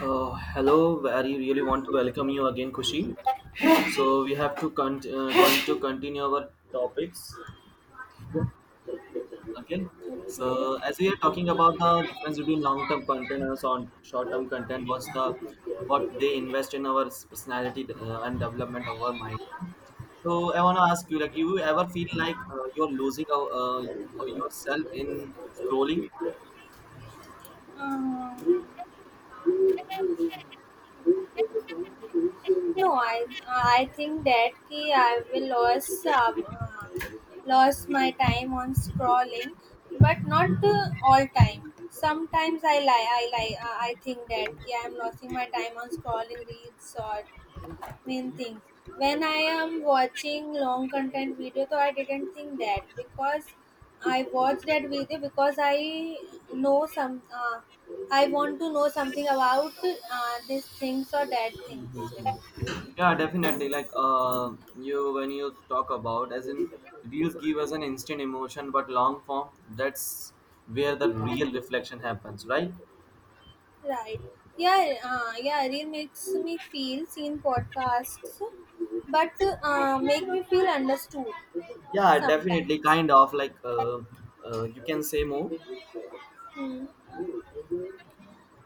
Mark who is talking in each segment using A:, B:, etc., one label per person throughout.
A: Hello, I really want to welcome you again, Kushi. So we have to going to continue our topics. Okay.
B: Okay.
A: So as we are talking about the difference between long-term content and short-term content, what's the what they invest in our personality and development of our mind. So I want to ask you, like, you ever feel like you're losing yourself in scrolling?
B: Uh, no, I think that ki I will lose lost my time on scrolling, but not all time. Sometimes I lie. I lie. I think that ki I am losing my time on scrolling reels or main things. When I am watching long content video, so I didn't think that because I watch that video because I know some. I want to know something about these things or that things.
A: Mhm. Yeah, definitely. Like you, when you talk about, as in reels give us an instant emotion, but long form, that's where the real reflection happens, right?
B: Right. Yeah, Reel makes me feel seen podcasts, but make me feel understood
A: Yeah, definitely.
B: sometimes.
A: Kind of like you can say more.
B: Hmm,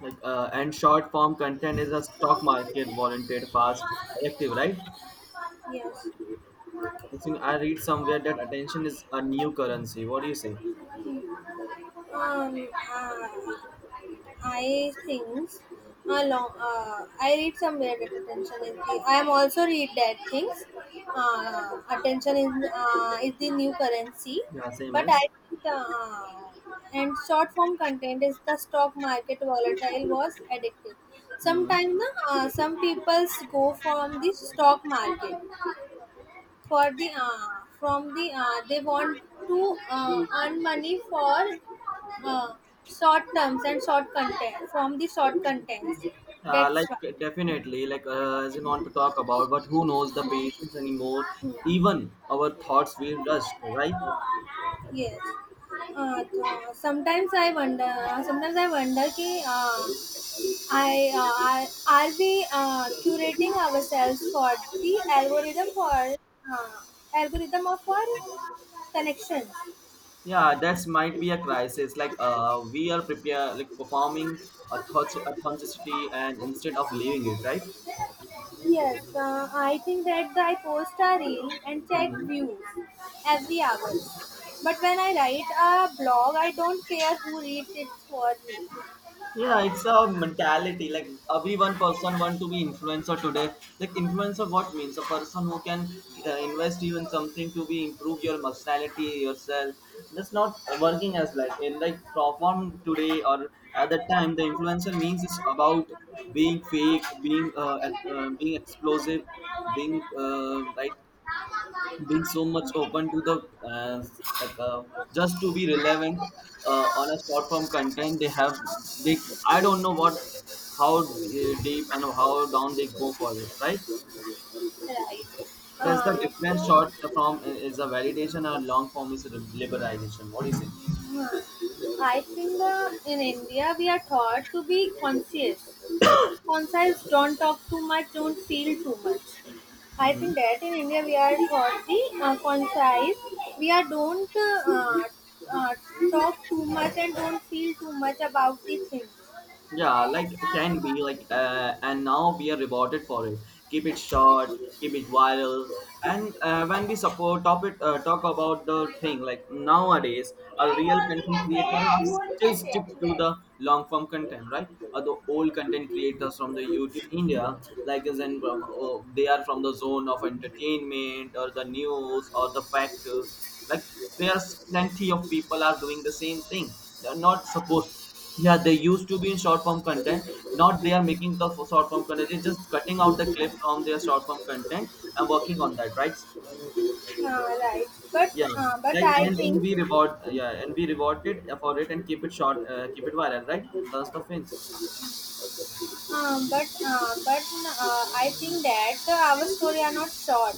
A: Like and short form content is a stock market volunteered fast active, right?
B: yes.
A: I think I read somewhere that attention is a new currency. What do you say?
B: Um, uh, I think I read somewhere that attention is the. I am also read that things. Attention is is the new currency,
A: Yeah, same
B: but I
A: as.
B: think and short form content is the stock market volatile was addictive.
A: Mhm.
B: Sometimes some people go from the stock market for the from the they want to earn money for uh, short terms and short content from the short contents
A: Uh,
B: that's
A: like
B: why
A: definitely, like as you want to talk about, but who knows the patience anymore? Even our thoughts will rush, right?
B: yes तो sometimes I wonder sometimes I wonder ki uh, i uh, are, are we curating ourselves for the algorithm for uh, algorithm of our connection.
A: Yeah, that's might be a crisis. Like we are prepare like performing a thoughts authenticity, and instead of leaving it, right?
B: Yes, I think that I post a reel and check
A: Hmm.
B: views every hour. But when I write a blog, I don't care who reads it for me,
A: Yeah, it's a mentality. Like every one person want to be influencer today. Like influencer, what means a person who can invest you in something to be improve your personality yourself. That's not working as like in like from today or at that time. The influencer means it's about being fake, being being explosive, being uh, right being so much open to the uh, like, uh, just to be relevant on a short form content they I don't know what how deep and how down they go for it, right?
B: right?
A: That's the
B: Uh,
A: difference.
B: so,
A: Short form is a validation and long form is a liberalization. What do you say?
B: uh, I think in India we are taught to be conscious. Conscious, don't talk too much, don't feel too much. I
A: Hmm.
B: think that in India we are for the concise. We are don't uh, talk too much and don't feel too much about the thing.
A: Yeah, like it can be like, and now we are rewarded for it. Keep it short, keep it viral, and when we support topic, talk about the thing like nowadays, a real content creator are still stick to the long form content, right? Or the old content creators from the YouTube India, like as in from they are from the zone of entertainment or the news or the fact. Like there's plenty of people are doing the same thing. They're not supposed. Yeah, they used to be in short form content. Not they are making the short form content. They're just cutting out the clip from their short form content and working on that, right?
B: Right. But
A: Yeah,
B: uh, but
A: like
B: I
A: and
B: think
A: we reward, yeah, and we reward it for it and keep it short, keep it viral, right? That's the things.
B: but I think that our story are not short.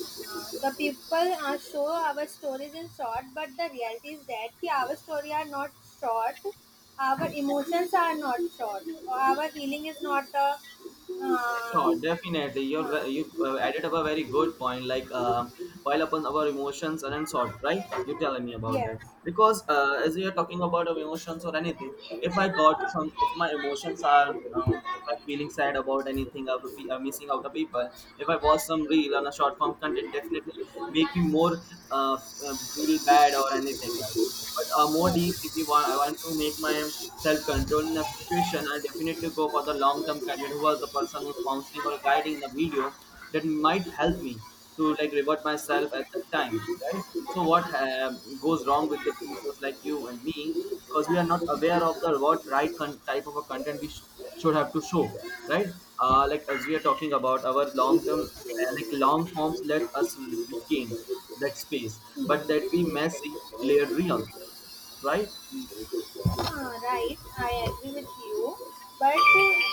B: The people show our stories in short, but the reality is that ki our story are not short. Our emotions are not short. Our healing is not a uh,
A: Sure, definitely. You're
B: huh.
A: ve- you uh, added up a very good point. Like pile upon our emotions and unsolved, right? You telling me about that
B: Yes.
A: because as we are talking about our emotions or anything, if I got some, if my emotions are, if I'm feeling sad about anything, I'm missing out of people. If I watch some reel on a short form content, definitely make me more feel bad or anything else. But more deep, if
B: Yes.
A: you want, I want to make my self control in that situation. I definitely go for the long term candidate who was the person who's counseling or guiding the video that might help me to like revert myself at that time, right? So what goes wrong with the people like you and me because we are not aware of the what right type of a content we should have to show, right? Like as we are talking about our long term, like long forms, let us regain that space, but that we may see layered real, right?
B: Right, I agree with you. But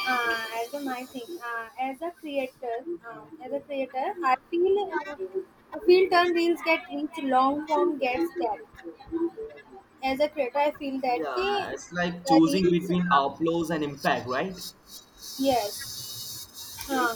B: uh, as a my thing, as a creator, I feel turn reels get reach, long form gets depth. As a creator, I feel that
A: Yeah,
B: ki,
A: it's like
B: the
A: choosing
B: reels,
A: between applause and impact, right?
B: yes, uh,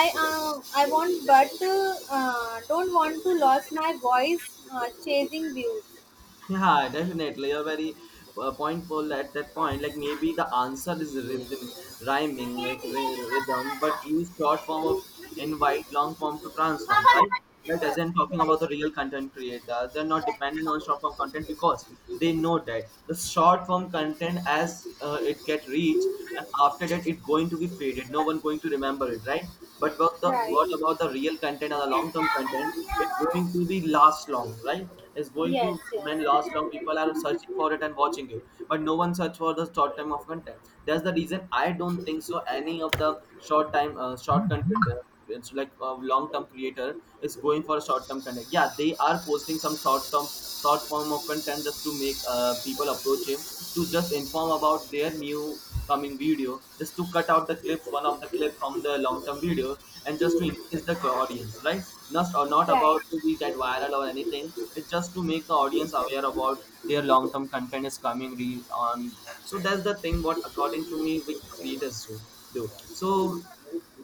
B: I want, but don't want to lose my voice chasing views.
A: Yeah, definitely. You're very pointful at that point. Like maybe the answer is rhythm, rhyming, like rhythm, but use short form of invite, long form to transform, right? Like as in talking
B: Right,
A: about the real content creators, they're not
B: right,
A: dependent on short form content because they know that the short form content as it get reach and after that it going to be faded. No one going to remember it, right? But what the what
B: right.
A: about the real content or the long term content? It's going to be last long, right? It's going to
B: Yes, yes.
A: remain last long. People are searching for it and watching it, but no one search for the short time of content. That's the reason I don't think so. Any of the short time, short content, it's like a long term creator is going for short term content. Yeah, they are posting some short term, short form of content just to make people approach him to just inform about their new coming video just to cut out the clips one of the clip from the long term video and just to increase the audience, right? Not or not about
B: Right.
A: to be that viral or anything, it's just to make the audience aware about their long term content is coming on. So that's the thing what according to me we creators do so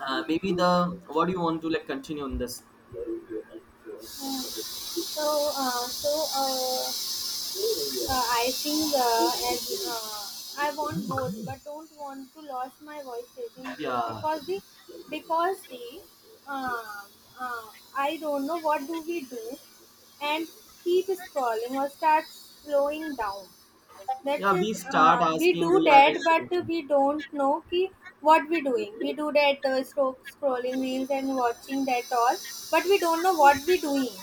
A: maybe the what do you want to like continue on this?
B: Uh, so, uh, so uh, I think as I want both, but don't want to lose my voice saving views
A: Yeah,
B: because the because the uh, uh, I don't know what do we do and keep scrolling or start slowing down. That's
A: yeah, we
B: just,
A: start
B: we
A: asking,
B: do
A: we are
B: that, but
A: recruiting.
B: we don't know ki what we doing. We do that scrolling reels and watching that all, but we don't know what we doing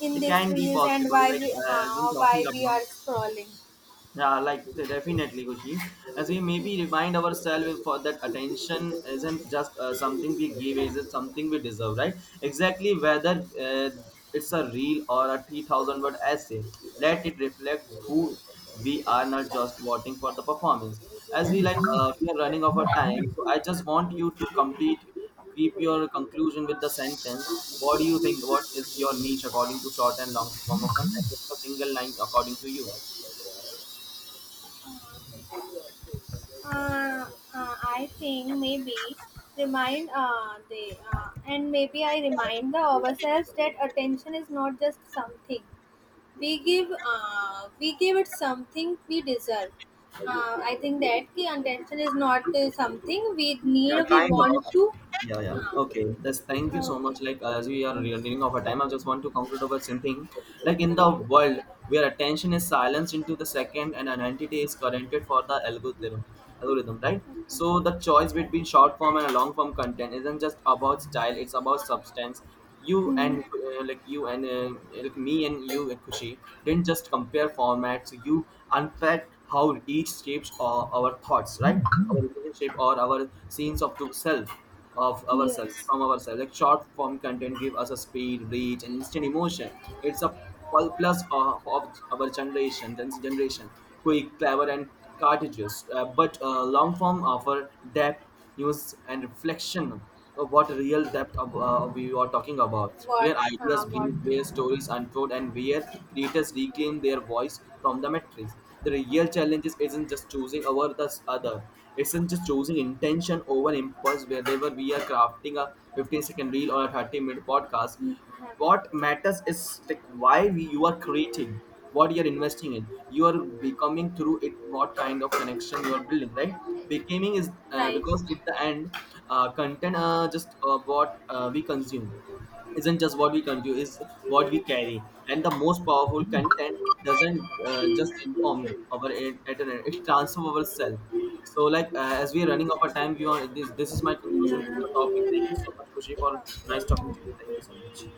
B: in
A: It
B: these
A: can be
B: reels and
A: possible like as I'm talking
B: why we
A: about.
B: are scrolling.
A: Yeah, like definitely, Kushi. As we maybe remind ourselves for that attention isn't just something we give, is it something we deserve, right? Exactly, whether it's a reel or a 3,000 word essay, let it reflect who we are, not just voting for the performance. As we like, we are running out of time, so I just want you to complete, keep your conclusion with the sentence. What do you think? What is your niche according to short and long form of content? Just a single line according to you.
B: Uh, I think maybe remind the and maybe I remind the ourselves that attention is not just something. We give we give it something we deserve. I think that ki attention is not something we need
A: Yeah,
B: or we
A: kind of.
B: want to
A: Yeah, yeah. Okay. That's thank you
B: oh,
A: so much.
B: okay.
A: Like as we are nearing of our
B: Thanks.
A: time, I just want to conclude over something. Like in the world where attention is silenced into the second and an entity is currented for the algorithm, right?
B: Okay.
A: So the choice between short form and long form content isn't just about style; it's about substance. You
B: Hmm.
A: and like you and Like me and you and Kushi didn't just compare formats. You unpacked how each shapes our thoughts, right? Our relationship or our scenes of the self of ourselves
B: Yes.
A: from ourselves, like short form content give us a speed reach and instant emotion. It's a plus of our generation then generation, quick clever and cartridges, but long form offer depth news and reflection. So what real depth of, we are talking about,
B: What
A: where ideas
B: what
A: breathe,
B: thing.
A: where stories unfold, and where creators reclaim their voice from the matrix. The real challenge is- not just choosing over the other, isn't just choosing intention over impulse wherever we are crafting a 15-second reel or a 30-minute podcast.
B: Hmm.
A: What matters is like why we, you are creating, what you are investing in, you are becoming through it, what kind of connection you are building, right? Becoming is
B: Right.
A: because at the end, content just what we consume isn't just what we consume; is what we carry. And the most powerful content doesn't just inform our internet; it transforms our self. So, like as we are running out of time, beyond this, this is my conclusion to the topic.
B: Yeah.
A: Thank you so much, Kushi, for nice talking to
B: Okay.
A: you. Thank you so much.